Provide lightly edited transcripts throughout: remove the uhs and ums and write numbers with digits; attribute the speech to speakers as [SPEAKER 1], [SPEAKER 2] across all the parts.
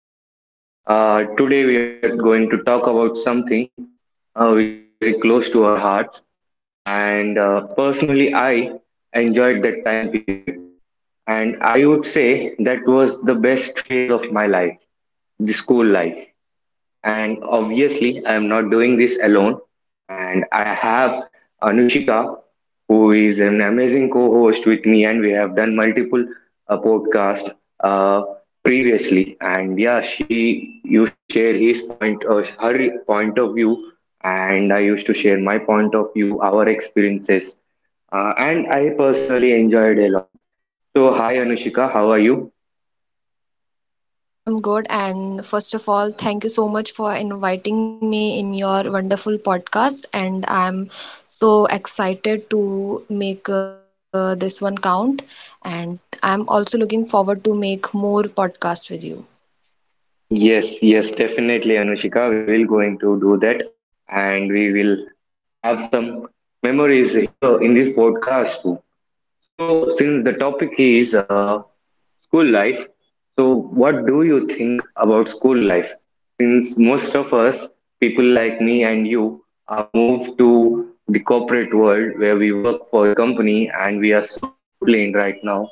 [SPEAKER 1] podcast. Today, we are going to talk about something which is very close to our hearts. And personally, I enjoyed that time period. And I would say that was the best phase of my life, the school life. And obviously, I'm not doing this alone. And I have Anushika, who is an amazing co host with me, and we have done multiple podcasts uh, previously. And yeah, she used to share her point of view, and I used to share my point of view, our experiences. And I personally enjoyed a lot. So, hi Anushika, how are you?
[SPEAKER 2] Hello, Ganesh. I'm good. And first of all, thank you so much for inviting me in your wonderful podcast. And I'm so excited to make this one count. And I'm also looking forward to make more podcasts with you.
[SPEAKER 1] Yes, yes, definitely, Anushika. We will going to do that, and we will have some memories here in this podcast too. So, since the topic is school life. So, what do you think about school life? Since most of us, people like me and you, are moved to the corporate world where we work for a company and we are so disciplined right now,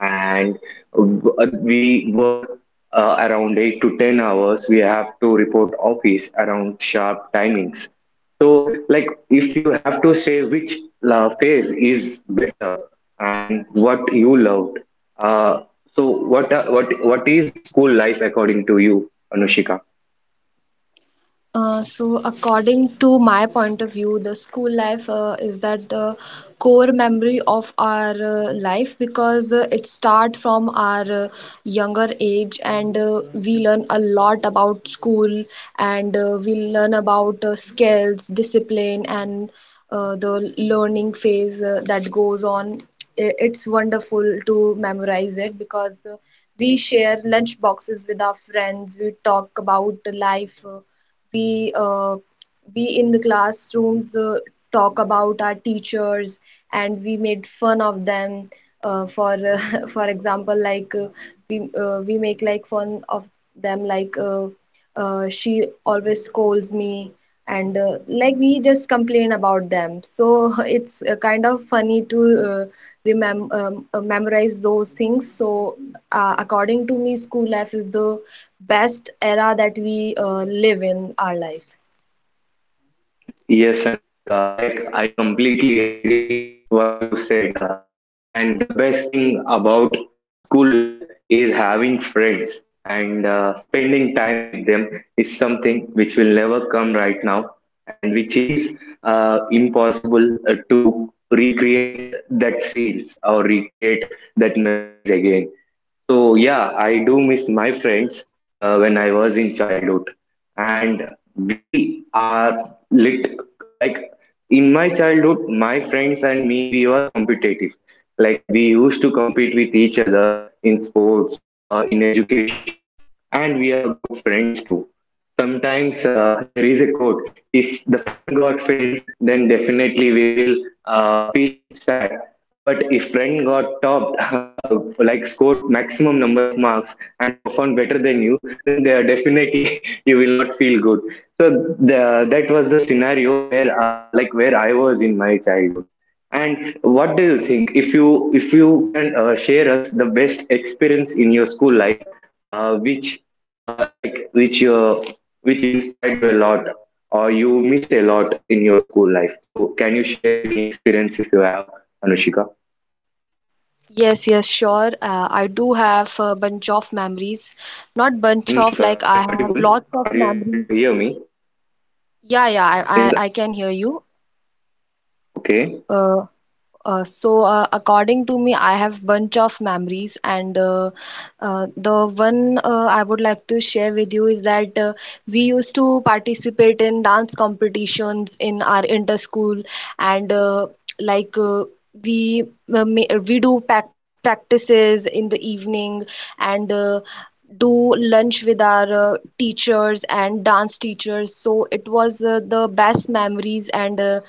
[SPEAKER 1] and we work around 8 to 10 hours. We have to report office around sharp timings. So, like, if you have to say which phase is better and what you loved, uh, so what is the school life according to you, Anushika?
[SPEAKER 2] According to my point of view, the school life is that the core memory of our life because it starts from our younger age and we learn a lot about school and we learn about skills, discipline, and the learning phase that goes on. It's wonderful to memorize it because we share lunch boxes with our friends, we talk about life, we uh, we in the classrooms talk about our teachers and we made fun of them for for example, like, we make like fun of them, like, she always scolds me and, like, we just complain about them, so it's, kind of funny to uh, remember, memorize those things. So, according to me, school life is the best era that we live in our life.
[SPEAKER 1] Yes, Anushika, like I completely agree what you said. And the best thing about school life is having friends and spending time with them is something which will never come right now, and which is impossible to recreate that scenes or recreate that memories again. So yeah, I do miss my friends when I was in childhood, and we are lit like in my childhood, my friends and me we were competitive. Like we used to compete with each other in sports, in education, and we are good friends too. Sometimes there is a quote: if the friend got failed, then definitely we will feel sad, but if friend got topped uh, like scored maximum number of marks and performed better than you, then they are definitely you will not feel good. So the, that was the scenario where like where I was in my childhood. And what do you think? If you can share us the best experience in your school life, which like which inspired you a lot or you miss a lot in your school life. So can you share any experience if you have, Anushika?
[SPEAKER 2] Yes, yes, sure. I do have a bunch of memories. Not bunch of, like,
[SPEAKER 1] Anushika,
[SPEAKER 2] I
[SPEAKER 1] I am
[SPEAKER 2] have
[SPEAKER 1] audible.
[SPEAKER 2] lots of
[SPEAKER 1] Are you able to
[SPEAKER 2] memories.
[SPEAKER 1] hear me?
[SPEAKER 2] Yeah, yeah,
[SPEAKER 1] Since-
[SPEAKER 2] I can hear you.
[SPEAKER 1] Okay.
[SPEAKER 2] Uh, according to me, I have bunch of memories, and, the one I would like to share with you is that we used to participate in dance competitions in our inter school, and, like uh, we we do pac practices in the evening, and do lunch with our teachers and dance teachers. So it was the best memories and.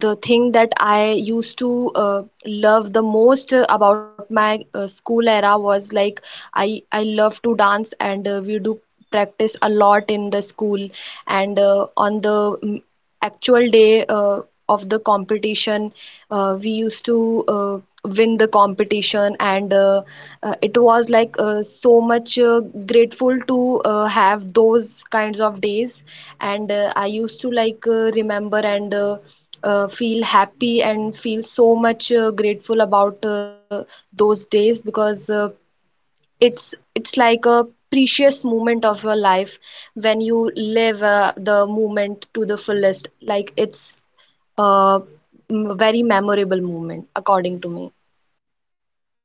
[SPEAKER 2] The thing that I used to love the most about my school era was like I love to dance and we do practice a lot in the school, and actual day of the competition we used to win the competition, and it was like so much grateful to have those kinds of days, and I used to like remember, and feel happy and feel so much grateful about those days because it's like a precious moment of your life when you live the moment to the fullest. Like it's a very memorable moment, according to me.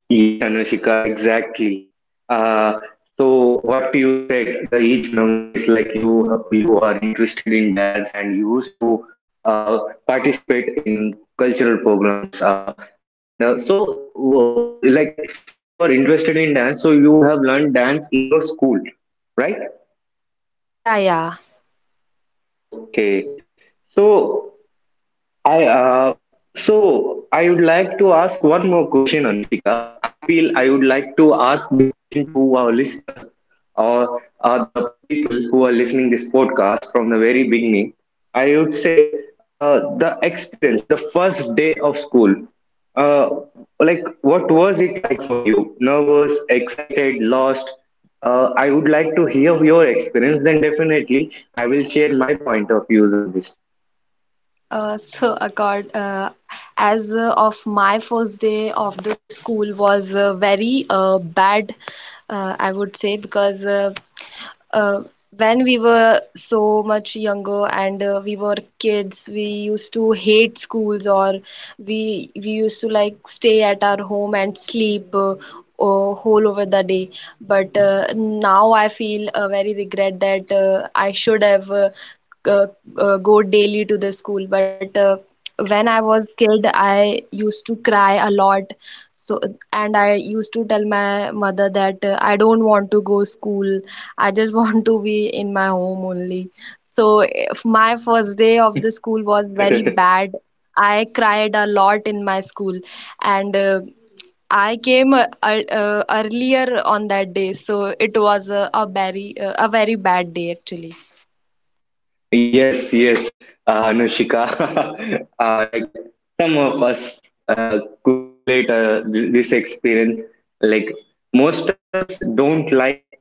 [SPEAKER 1] Yes, Anushika, exactly. Uh, so what you said, the each memory is like you are interested in dance and you used to uh, participate in cultural programs. Like since you are interested in dance, so you have learned dance in your school, right?
[SPEAKER 2] Yeah, yeah.
[SPEAKER 1] Okay. So I uh, so I would like to ask one more question, Anushika. I feel I would like to ask this question to our listeners or the people who are listening this podcast from the very beginning. I would say the experience, the first day of school. Uh, like, what was it like for you? Nervous, excited, lost? I would like to hear your experience. Then definitely, I will share my point of views on this.
[SPEAKER 2] Uh, so, accord, uh, as of my first day of the school was very bad, I would say, because uh, when we were so much younger and, we were kids, we used to hate schools, or we used to like stay at our home and sleep, whole over the day. But now I feel very regret that I should have. Uh, go daily to the school. But when I was kid, I used to cry a lot. So and I used to tell my mother that, I don't want to go school. I just want to be in my home only. So if my first day of the school was very bad, I cried a lot in my school, and, I came earlier on that day, so it was a very bad day, actually.
[SPEAKER 1] Yes, yes, Anushika. Like some of us uh, could relate this experience. Like most of us don't like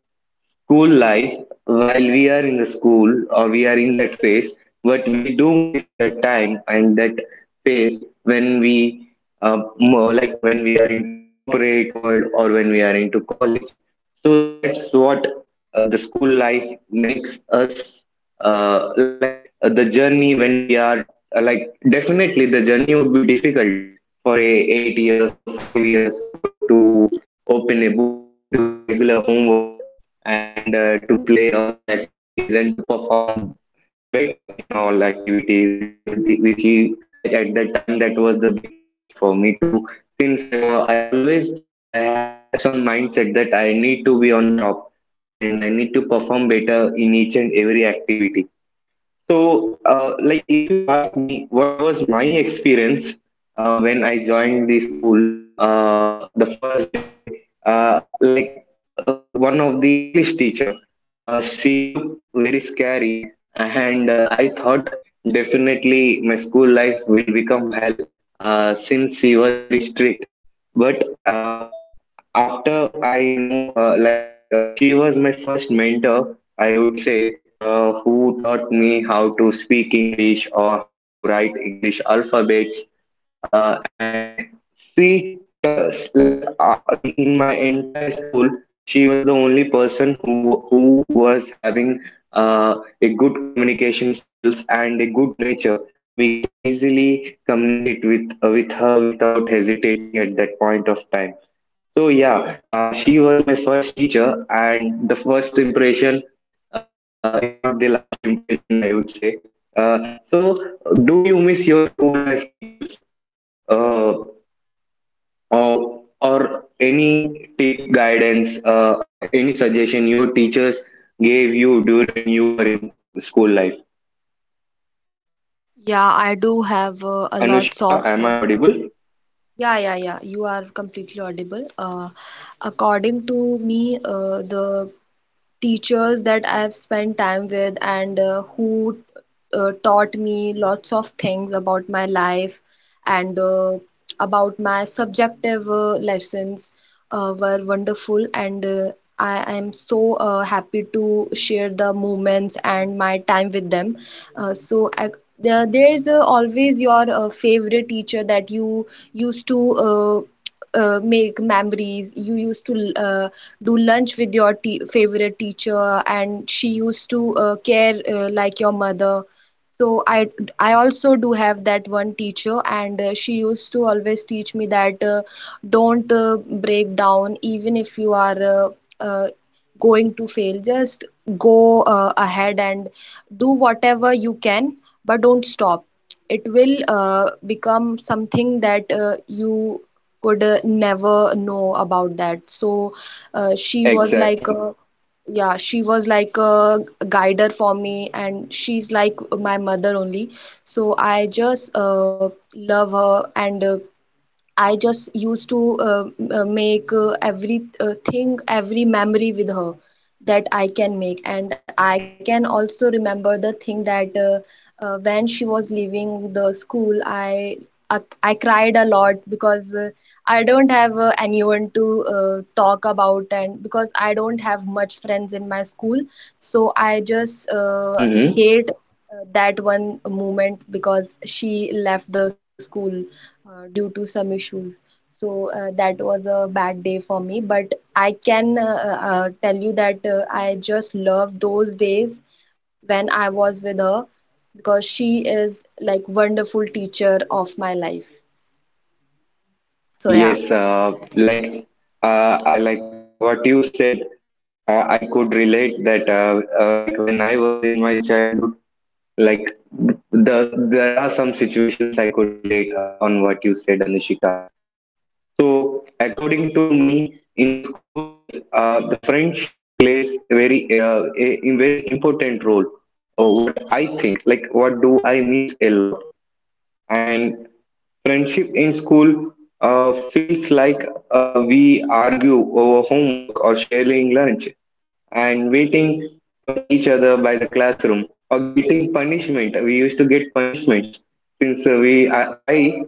[SPEAKER 1] school life while we are in the school or we are in that phase, but we do miss that time and that phase when we are into corporate world or when we are into college. So that's what the school life makes us, like the journey when we are like. Definitely, the journey would be difficult for a 8 years or 5 years old to open a book and do regular homework and to play all the activities and to perform better in all activities which you like at that time. That was the big challenge for me too. Since I had some mindset that I need to be on top and I need to perform better in each and every activity. So, like, if you ask me what was my experience when I joined the school, the first day, like, one of the English teacher, she looked very scary, and I thought definitely my school life will become hell, since she was very strict. But uh, after I know her, like she was my first mentor, I would say, who taught me how to speak English or how to write English alphabets. And she, like in my entire school, she was the only person who was having a good communication skills and a good nature. We can easily communicate with her without hesitating at that point of time. So yeah, she was my first teacher, and the first impression is not the last impression, I would say. So, do you miss your school life teachers, uh, or or any tip, guidance, any suggestion your teachers gave you during when you were in school life?
[SPEAKER 2] Yeah, I do have a lots
[SPEAKER 1] Anushika,
[SPEAKER 2] of.
[SPEAKER 1] am I audible?
[SPEAKER 2] Yeah, yeah, yeah. You are completely audible. According to me, the teachers that I've spent time with, and who taught me lots of things about my life, and about my subjective lessons were wonderful, and I am so happy to share the moments and my time with them. Uh, so I, there's always your favorite teacher that you used to uh, make memories. You used to do lunch with your favorite teacher, and she used to care, like your mother. So I also do have that one teacher, and she used to always teach me that, don't break down, even if you are uh, going to fail. Just go ahead and do whatever you can, but don't stop. It will become something that you could never know about that. So she was like
[SPEAKER 1] Exactly.
[SPEAKER 2] a yeah, she was like a guider for me, and she's like my mother only. So I just, love her, and, I just used to make every thing, every memory with her that I can make. And I can also remember the thing that, when she was leaving the school, I cried a lot because I don't have anyone to talk about, and because I don't have much friends in my school. So I just
[SPEAKER 1] Mm-hmm.
[SPEAKER 2] hate that one moment because she left the school due to some issues. So that was a bad day for me, but I can, tell you that, I just love those days when I was with her because she is like wonderful teacher of my life. So yeah.
[SPEAKER 1] Yes, I like what you said. I could relate that, like when I was in my childhood, like there are some situations I could relate on what you said, Anushika. So according to me, in school life, the friendship plays a very important role. Or what I think, like what do I miss a lot? And friendship in school feels like we argue over homework or sharing lunch and waiting for each other by the classroom or getting punishment. We used to get punishments, since we I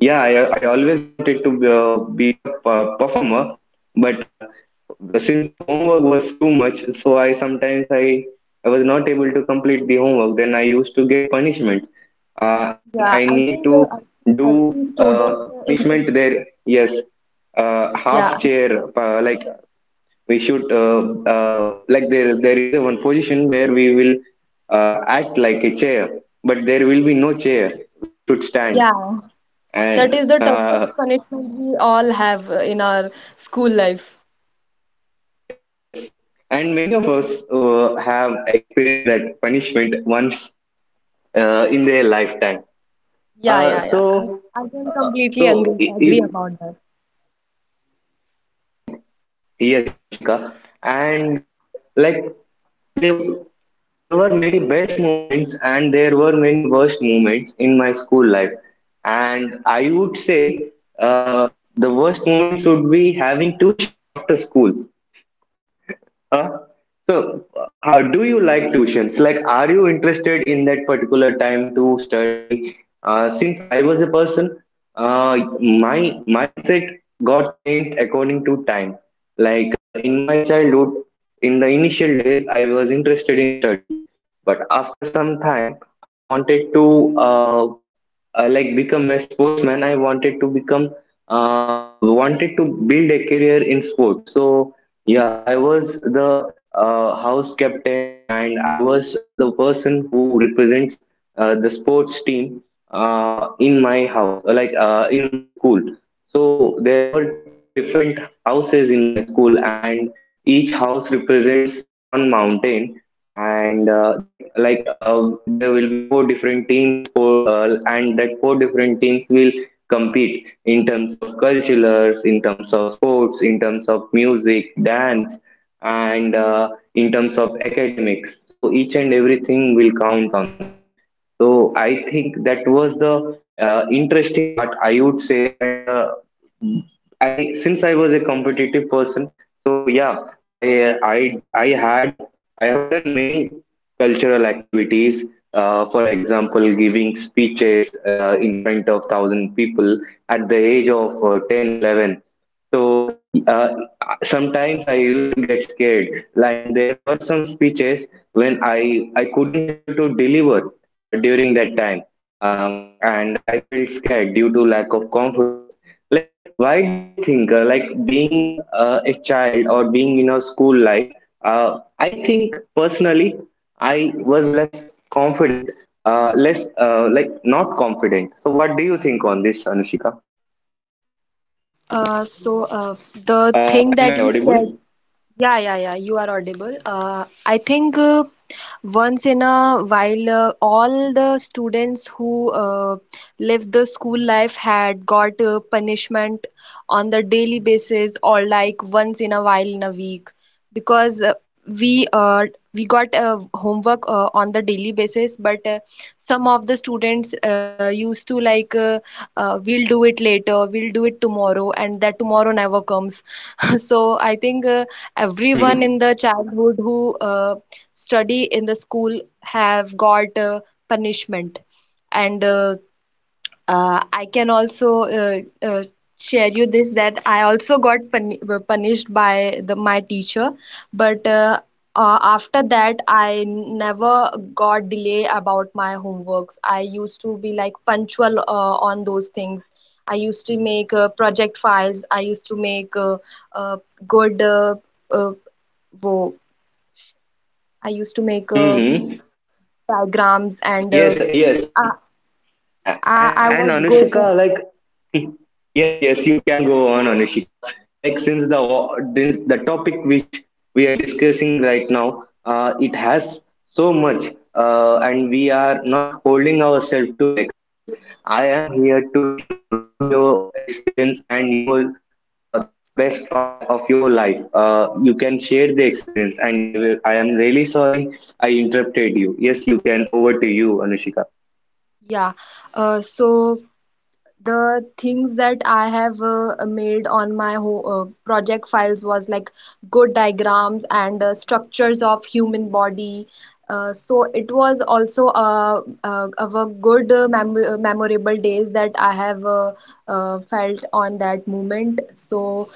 [SPEAKER 1] yeah I always wanted to be beat up performer, but since the homework was too much, so I sometimes I was not able to complete the homework. Then I used to get punishment, and
[SPEAKER 2] Yeah,
[SPEAKER 1] I
[SPEAKER 2] I
[SPEAKER 1] need
[SPEAKER 2] think,
[SPEAKER 1] to
[SPEAKER 2] every
[SPEAKER 1] do
[SPEAKER 2] student in this,
[SPEAKER 1] punishment there. Yes,
[SPEAKER 2] yeah,
[SPEAKER 1] half chair, like we should, like there is a one position where we will act like a chair, but there will be no chair, we should stand.
[SPEAKER 2] yeah, that is
[SPEAKER 1] and
[SPEAKER 2] the toughest
[SPEAKER 1] uh,
[SPEAKER 2] punishment we all have in our school life.
[SPEAKER 1] and many of us have experienced that punishment once in their lifetime.
[SPEAKER 2] Yeah, yeah, yeah. I,
[SPEAKER 1] So
[SPEAKER 2] I can
[SPEAKER 1] uh,
[SPEAKER 2] completely
[SPEAKER 1] so
[SPEAKER 2] agree,
[SPEAKER 1] I-
[SPEAKER 2] agree
[SPEAKER 1] if
[SPEAKER 2] about that.
[SPEAKER 1] Yes, Anushika. And like there there were many best moments and there were many worst moments in my school life. And I would say uh, the worst moments would be having tuitions after school. Uh, how do you like tuitions? Like, are you interested in that particular time to study? Since I was a person, my mindset got changed according to time. Like, in my childhood, in the initial days, I was interested in studies, but after some time, I wanted to, like, become a sportsman. I wanted to build a career in sports. So yeah, I was the house captain, and I was the person who represents the sports team in my house, in my school. So there were four different houses in my school, and each house represents one mountain. And there will be four different teams, and that four different teams will compete in terms of cultures, in terms of sports, in terms of music, dance, and in terms of academics. So each and everything will count on that. So I think that was the interesting part, I would say, and I since I was a competitive person, so yeah, I have done many cultural activities. For example, giving speeches in front of 1,000 people at the age of 10, 11. So uh, sometimes I used to get scared, and there were some speeches when I couldn't able to deliver during that time, and I felt scared due to lack of confidence. Like, why do you think, like, being a child or being in a school life, I think personally, I was less confident, less, not confident. So, what do you think on this, Anushika?
[SPEAKER 2] Uh, so uh, the thing
[SPEAKER 1] Am I
[SPEAKER 2] that you said.
[SPEAKER 1] audible?
[SPEAKER 2] Yeah, yeah, yeah. You are audible. I think once in a while, all the students who lived the school life had got punishment on the daily basis, or like once in a while in a week, because we uh, we got homework on the daily basis. But some of the students used to like we'll do it later, we'll do it tomorrow, and that tomorrow never comes. So I think everyone in
[SPEAKER 1] Mm-hmm.
[SPEAKER 2] the childhood who study in the school have got punishment, and I can also uh, share you this, that I also got punished by the my teacher. But after that, I never got delay about my homeworks. I used to be like punctual on those things. I used to make project files. I used to make uh, good uh, uh, wo, I used to make
[SPEAKER 1] Mm-hmm.
[SPEAKER 2] diagrams, and
[SPEAKER 1] Yes, yes.
[SPEAKER 2] I,
[SPEAKER 1] A- And
[SPEAKER 2] I
[SPEAKER 1] and
[SPEAKER 2] was good.
[SPEAKER 1] Anushika, like. Yes, yes, you can go on, Anushika. Like since the topic which we are discussing right now, it has so much, and we are not holding ourselves to express. I am here to listen your experience and your the best part of your life. You can share the experience, and I will. I am really sorry I interrupted you. Yes, you can. Over to you, Anushika.
[SPEAKER 2] Yeah. Uh, so. The things that I have made on my ho project files was like good diagrams and structures of human body. So it was also of a good memorable days that I have felt on that moment. So,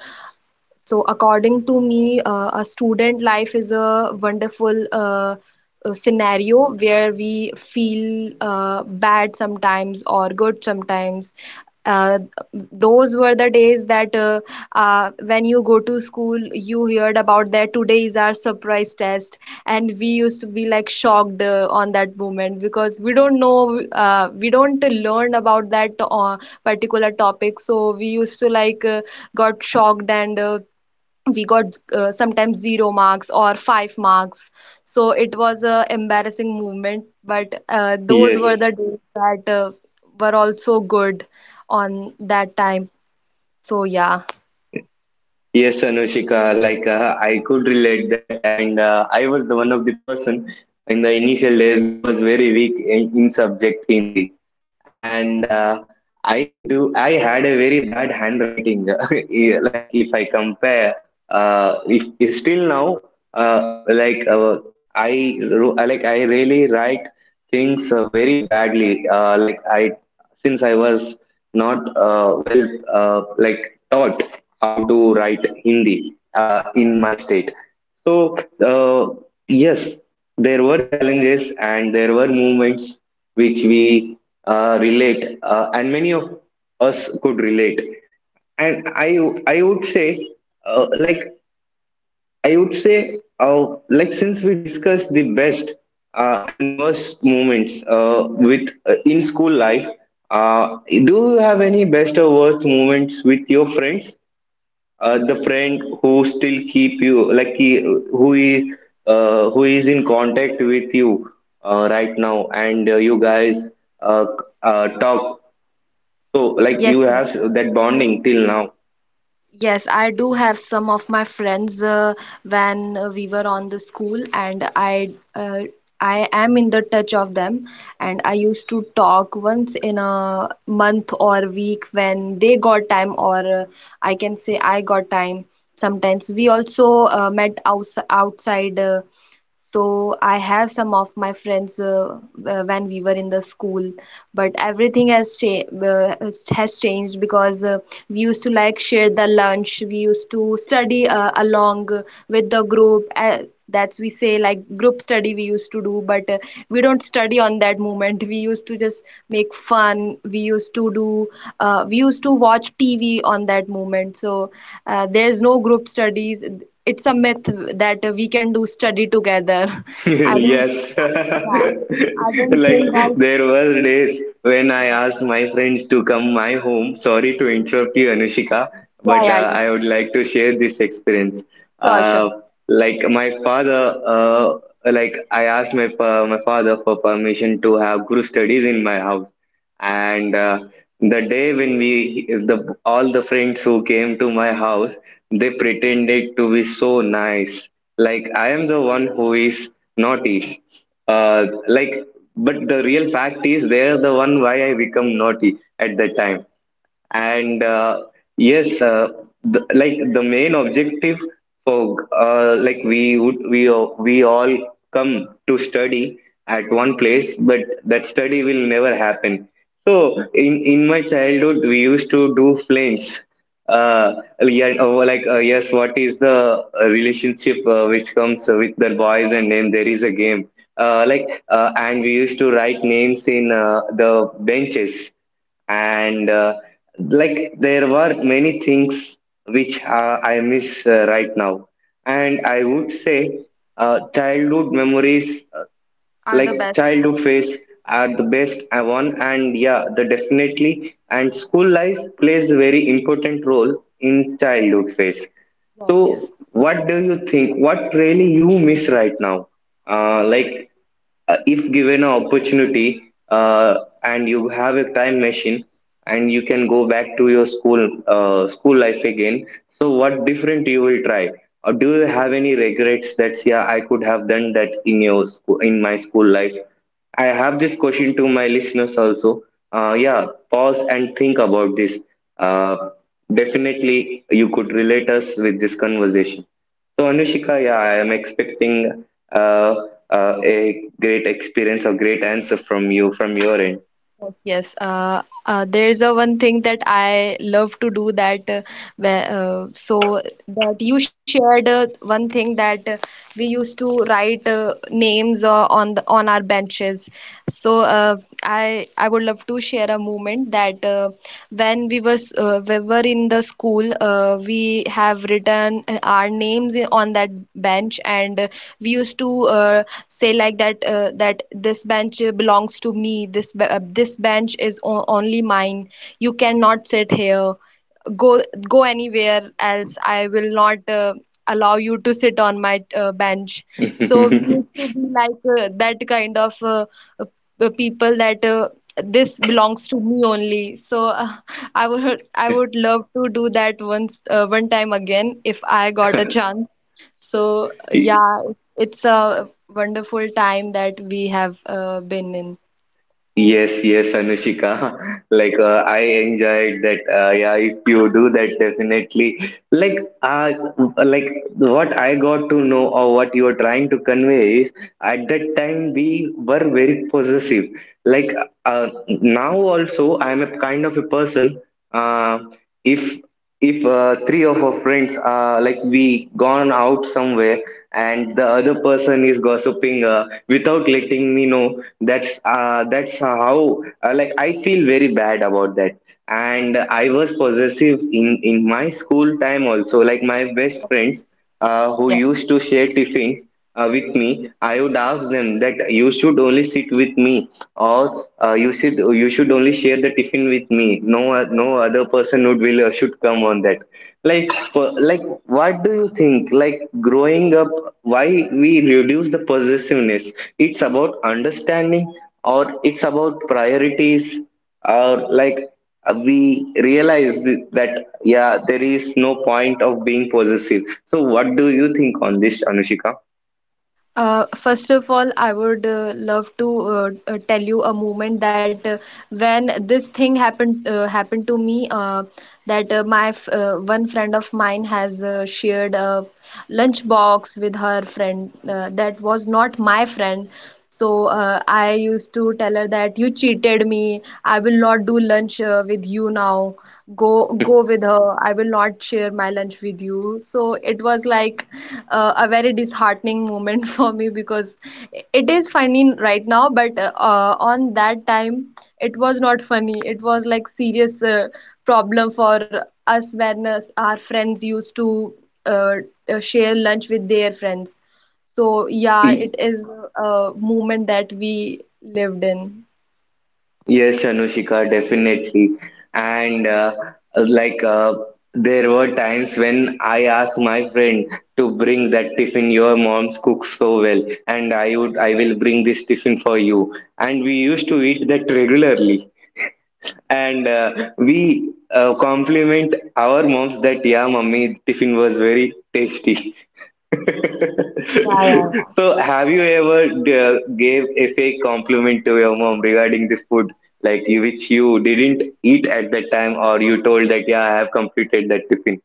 [SPEAKER 2] so according to me, a student life is a wonderful scenario where we feel bad sometimes or good sometimes. uh, those were the days that, when you go to school, you heard about that today is our surprise test, and we used to be like shocked on that moment because we don't know, we don't learn about that particular topic. So we used to like got shocked, and we got sometimes zero marks or five marks. So it was a embarrassing moment, but those were
[SPEAKER 1] Yes.
[SPEAKER 2] the days that were also good on that time. So yeah.
[SPEAKER 1] Yes, Anushika, like I could relate that, and I was the one of the person in the initial days who was very weak in subject Hindi and I had a very bad handwriting. Yeah, like if I compare, if still now, uh, like uh, like I really write things very badly. Like I, since I was not well, like taught how to write Hindi in my state. So, uh, yes, there were challenges and there were moments which we relate, and many of us could relate. And I would say, uh, like, I would say, since we discussed the best and worst moments with in school life, do you have any best or worst moments with your friends? The friend who still keep you like he, who is in contact with you right now and you guys uh, talk, so like
[SPEAKER 2] Yes.
[SPEAKER 1] you have that bonding till now.
[SPEAKER 2] Yes, I do have some of my friends when we were on the school, and I am in the touch of them, and I used to talk once in a month or week when they got time, or I can say I got time. Sometimes we also met outside. So I have some of my friends, when we were in the school, but everything has has changed because we used to like share the lunch. We used to study along with the group. That's we say like group study we used to do, but we don't study on that moment. We used to just make fun. We used to do. We used to watch TV on that moment. So there's no group studies. It's a myth that we can do study together. I don't,
[SPEAKER 1] Yes,
[SPEAKER 2] yeah, I don't
[SPEAKER 1] like
[SPEAKER 2] think that,
[SPEAKER 1] there were days when I
[SPEAKER 2] yeah,
[SPEAKER 1] asked my friends to come my home. Sorry to interrupt you, Anushika,
[SPEAKER 2] yeah,
[SPEAKER 1] but
[SPEAKER 2] yeah, you-
[SPEAKER 1] I
[SPEAKER 2] can.
[SPEAKER 1] would like to share this experience.
[SPEAKER 2] Sure,
[SPEAKER 1] Uh,
[SPEAKER 2] sure,
[SPEAKER 1] like my father, like I asked my father for permission to have group studies in my house and the day when we the all the friends who came to my house, they pretended to be so nice, like I am the one who is naughty, like, but the real fact is they are the one why I become naughty at that time. And yes, the, like the main objective for like we all come to study at one place, but that study will never happen. So in my childhood we used to do flames, uh, yeah, oh, like yes, what is the relationship which comes with the boys and name, there is a game, and we used to write names in the benches. And like there were many things which I miss right now, and I would say childhood memories,
[SPEAKER 2] are
[SPEAKER 1] like
[SPEAKER 2] the best
[SPEAKER 1] childhood phase are the best one. And yeah, the definitely, and school life plays very important role in childhood phase. So
[SPEAKER 2] of you.
[SPEAKER 1] what do you think, what really you miss right now? uh, like if given an opportunity and you have a time machine, and you can go back to your school, school life again, so what different you will try? Do you have any regrets that yeah, I could have done that in your school, in my school life? I have this question to my listeners also. Yeah, pause and think about this. Uh, Definitely, you could relate us with this conversation. So Anushika, yeah, I am expecting uh, a great experience or great answer from you from your end.
[SPEAKER 2] Yes, there is a one thing that I love to do that, where, so that you shared one thing that we used to write names on the, on our benches. So uh, I would love to share a moment that when we were in the school. We have written our on that bench, and we used to say like that this bench belongs to me. This bench is only mine. You cannot sit here. Go go anywhere else. I will not allow you to sit on my bench. So we used to be like that kind of uh, people that this belongs to me only. So I would love to do that once one time again if I got a chance. so,
[SPEAKER 1] Y-
[SPEAKER 2] yeah, it's a wonderful time that we have been in.
[SPEAKER 1] Yes, yes, Anushika. Like I enjoyed that. Yeah, if you do that, definitely. Like what I got to know or what you are trying to convey is at that time we were very possessive. Like now also, I'm a kind of a person. Uh, if if three of our friends like we gone out somewhere, and the other person is gossiping without letting me know, that's how like I feel very bad about that. And I was possessive in my school time also, like my best friends who used to share tiffins with me, I would ask them that you should only sit with me, or you should only share the tiffin with me, no other person would will should come on that. Like what do you think, like growing up, why we reduce the possessiveness? It's about understanding, or it's about priorities, or like we realize that yeah, there is no point of being possessive. So what do you think on this, Anushika?
[SPEAKER 2] First of all, I would love to tell you a moment that when this thing happened to me. That My one friend of mine has shared a lunch box with her friend that was not my friend. So I used to tell her that you cheated me. I will not do lunch with you now. Go go with her. I will not share my lunch with you. So it was like a very disheartening moment for me because it is funny right now, but on that time it was not funny. It was like serious problem for us when our friends used to uh, share lunch with their friends. So yeah, it is a moment that we lived in.
[SPEAKER 1] Yes, Anushika, definitely. And like uh, there were times when I asked my friend to bring that tiffin, your mom's cooks so well, and I will bring this tiffin for you. And we used to eat that regularly. And we compliment our moms that yeah, mummy, tiffin was very tasty.
[SPEAKER 2] Yeah, yeah.
[SPEAKER 1] So, have you ever gave a fake compliment to your mom regarding the food, like which you didn't eat at that time, or you told that yeah, I have completed that tiffin?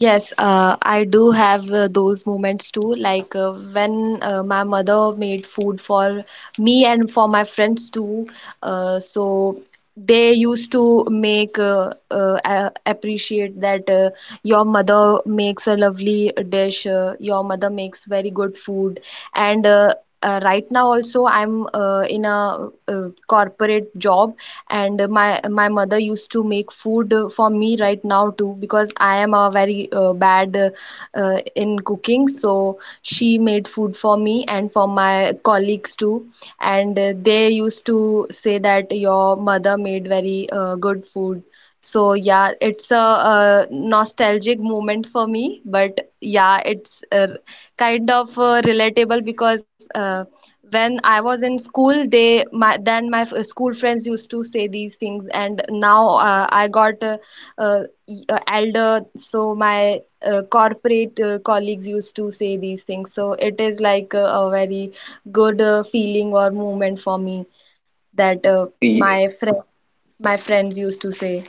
[SPEAKER 2] Yes, I do have those moments too. Like when my mother made food for me and for my friends too. So they used to appreciate that your mother makes a lovely dish. Your mother makes very good food. And Right now also, I'm in a corporate job, and my mother used to make food for me right now too, because I am a very bad in cooking. So she made food for me and for my colleagues too, and they used to say that your mother made very good food. So yeah, it's a, nostalgic moment for me, but yeah, it's kind of relatable because when I was in school, they my then my school friends used to say these things, and now I got uh, elder, so my corporate colleagues used to say these things. So it is like a very good feeling or movement for me that my friends used to say.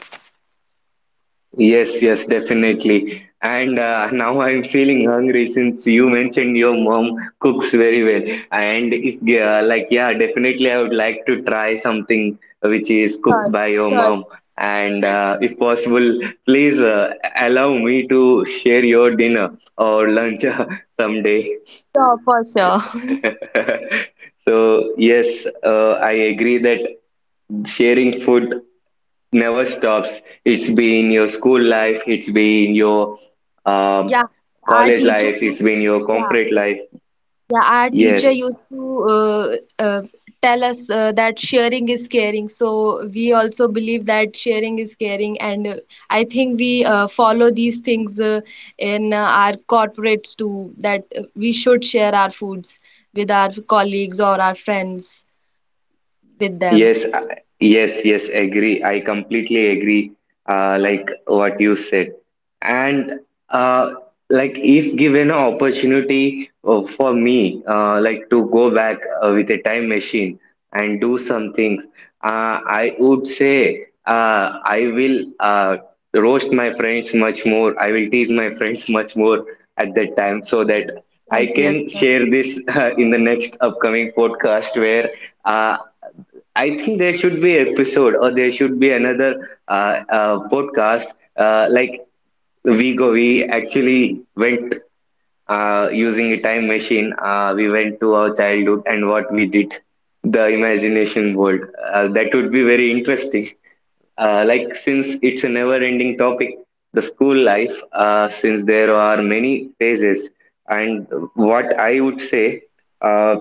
[SPEAKER 1] Yes, yes, definitely. And now I'm feeling hungry since you mentioned your mom cooks very well. And if, like, yeah, definitely I would like to try something which is cooked by
[SPEAKER 2] Sure,
[SPEAKER 1] your mom.
[SPEAKER 2] sure,
[SPEAKER 1] And if possible, please allow me to share your dinner or lunch someday.
[SPEAKER 2] sure, for sure.
[SPEAKER 1] So, yes, I agree that sharing food never stops. It's been your school life, it's been your um,
[SPEAKER 2] Yeah, our
[SPEAKER 1] college
[SPEAKER 2] teacher,
[SPEAKER 1] life, it's been your
[SPEAKER 2] yeah.
[SPEAKER 1] corporate life.
[SPEAKER 2] Yeah, our
[SPEAKER 1] Yes,
[SPEAKER 2] teacher used to tell us that sharing is caring. So we also believe that sharing is caring, and I think we follow these things in our corporates too, that we should share our foods with our colleagues or our friends with them.
[SPEAKER 1] Yes, yes, agree. I completely agree, like what you said. And uh, like if given an opportunity for me, like to go back with a time machine and do some things, I would say I will roast my friends much more. I will tease my friends much more at that time, so that I
[SPEAKER 2] Yes, yes,
[SPEAKER 1] can
[SPEAKER 2] sir.
[SPEAKER 1] share this in the next upcoming podcast where uh, I think there should be an episode or there should be another podcast. Like we go, we actually went using a time machine, we went to our childhood and what we did, the imagination world. That would be very interesting. Like, since it's a never ending topic, the school life, since there are many phases, and what I would say, uh,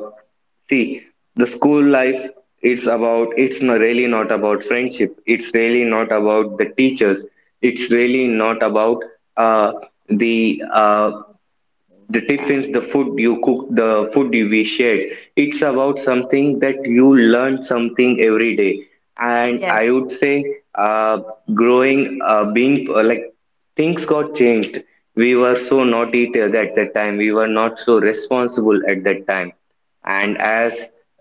[SPEAKER 1] see, the school life, it's about, it's not really not about friendship, it's really not about the teachers, it's really not about uh, the uh, the
[SPEAKER 2] Yeah.
[SPEAKER 1] tiffins, the food you cook, the food you we shared. It's about something that you learn something every day. And I
[SPEAKER 2] Yes.
[SPEAKER 1] would say, uh, growing, being like things got changed. We were so naughty at that time. We were not so responsible at that time. And as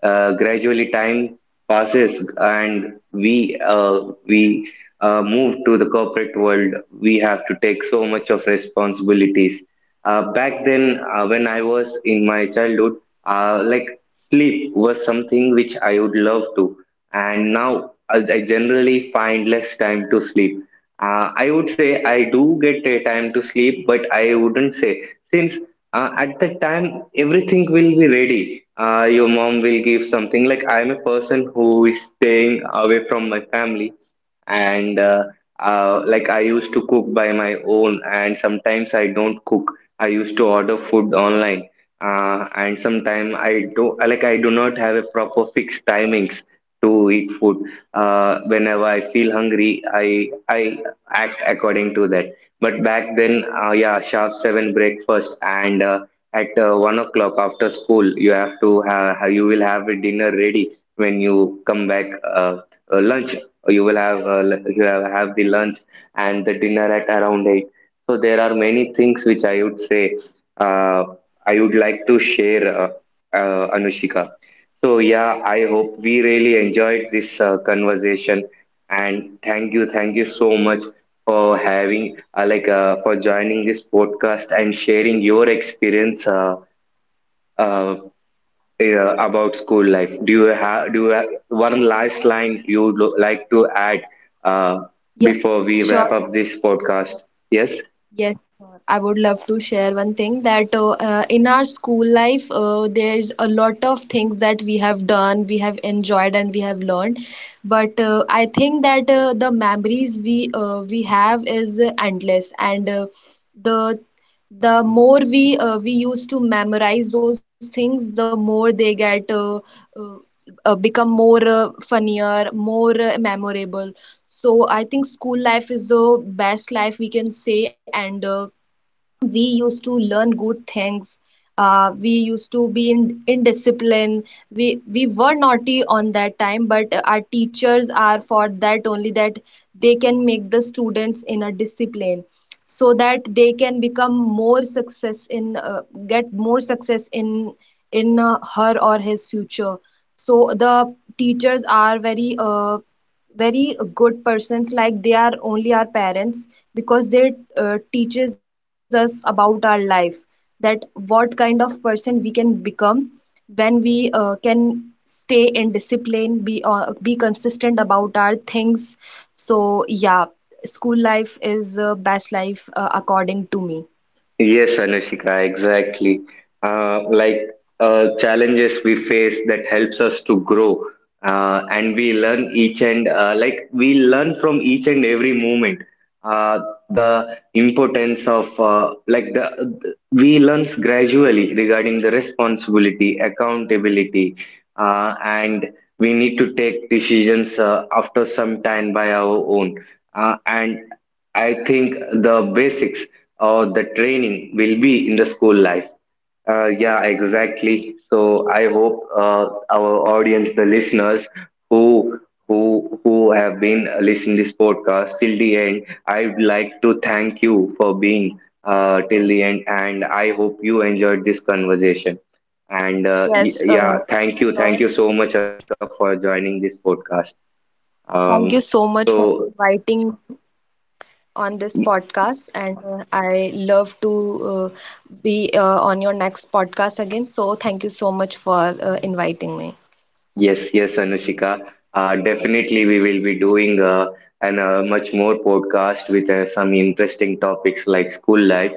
[SPEAKER 1] gradually time passes, and we move to the corporate world, we have to take so much of responsibilities. Back then, when I was in my childhood, like sleep was something which I would love to, and now I generally find less time to sleep. I would say I do get a time to sleep, but I wouldn't say, since at that time everything will be ready. Your mom will give something. Like I'm a person who is staying away from my family, and like I used to cook by my own, and sometimes I don't cook. I used to order food online, and sometimes I do, like I do not have a proper fixed timings to eat food. Whenever I feel hungry, I act according to that. But back then, yeah, sharp 7 breakfast and at 1 o'clock after school, you have, you will have a dinner ready when you come back. Lunch you will have have the lunch, and the dinner at around 8. So there are many things which I would say uh, I would like to share, Anushika. So yeah, I hope we really enjoyed this conversation, and thank you so much for having for joining this podcast and sharing your experience uh, about school life. Do you have one last line you would like to add uh,
[SPEAKER 2] Yes,
[SPEAKER 1] before
[SPEAKER 2] yes,
[SPEAKER 1] we wrap
[SPEAKER 2] sure.
[SPEAKER 1] up this podcast? Yes.
[SPEAKER 2] Yes, sir. I would love to share one thing that in our school life, there's a lot of things that we have done, we have enjoyed, and we have learned. But I think that the memories we have is endless, and the the more we used to memorize those things, the more they get become more funnier, more memorable. So I think school life is the best life we can say, and we used to learn good things. We used to be in indiscipline. We were naughty on that time, but our teachers are for that only, that they can make the students in a discipline, so that they can become more success in get more success in her or his future. So the teachers are very very good persons, like they are only our parents, because they teaches us about our life, that what kind of person we can become when we can stay in discipline, be consistent about our things. So yeah, school life is best life according to me.
[SPEAKER 1] Yes, Anushika, exactly. Like challenges we face that helps us to grow, and we learn each and like we learn from each and every moment. Uh, the importance of like the, we learns gradually regarding the responsibility, accountability, and we need to take decisions after some time by our own. And I think the basics. Or the training will be in the school life. Yeah, exactly. So I hope our audience, the listeners who who have been listening this podcast till the end, I'd like to thank you for being till the end, and I hope you enjoyed this conversation. And
[SPEAKER 2] yes
[SPEAKER 1] yeah,
[SPEAKER 2] uh,
[SPEAKER 1] thank
[SPEAKER 2] so
[SPEAKER 1] you so much, Ashraf, for joining this podcast. Um,
[SPEAKER 2] thank you so
[SPEAKER 1] so
[SPEAKER 2] much for inviting on this podcast, and I love to uh, be on your next podcast again. So thank you so much for inviting me.
[SPEAKER 1] Yes, yes, Anushika. Definitely, we will be doing an much more podcast with some interesting topics like school life.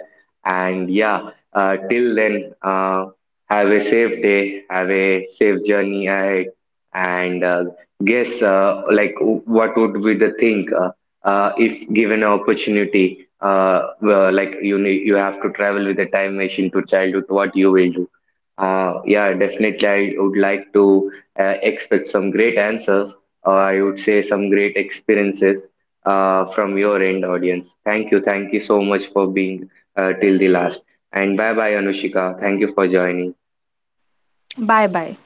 [SPEAKER 1] And yeah, till then, have a safe day, have a safe journey ahead, and guess what would be the thing, if given an opportunity, well, like you need, you have to travel with a time machine to childhood, what you will do. Yeah, definitely. I would like to expect some great answers, or I would say some great experiences from your end audience. Thank you. Thank you so much for being till the last. And bye bye, Anushika. Thank you for joining.
[SPEAKER 2] Bye bye.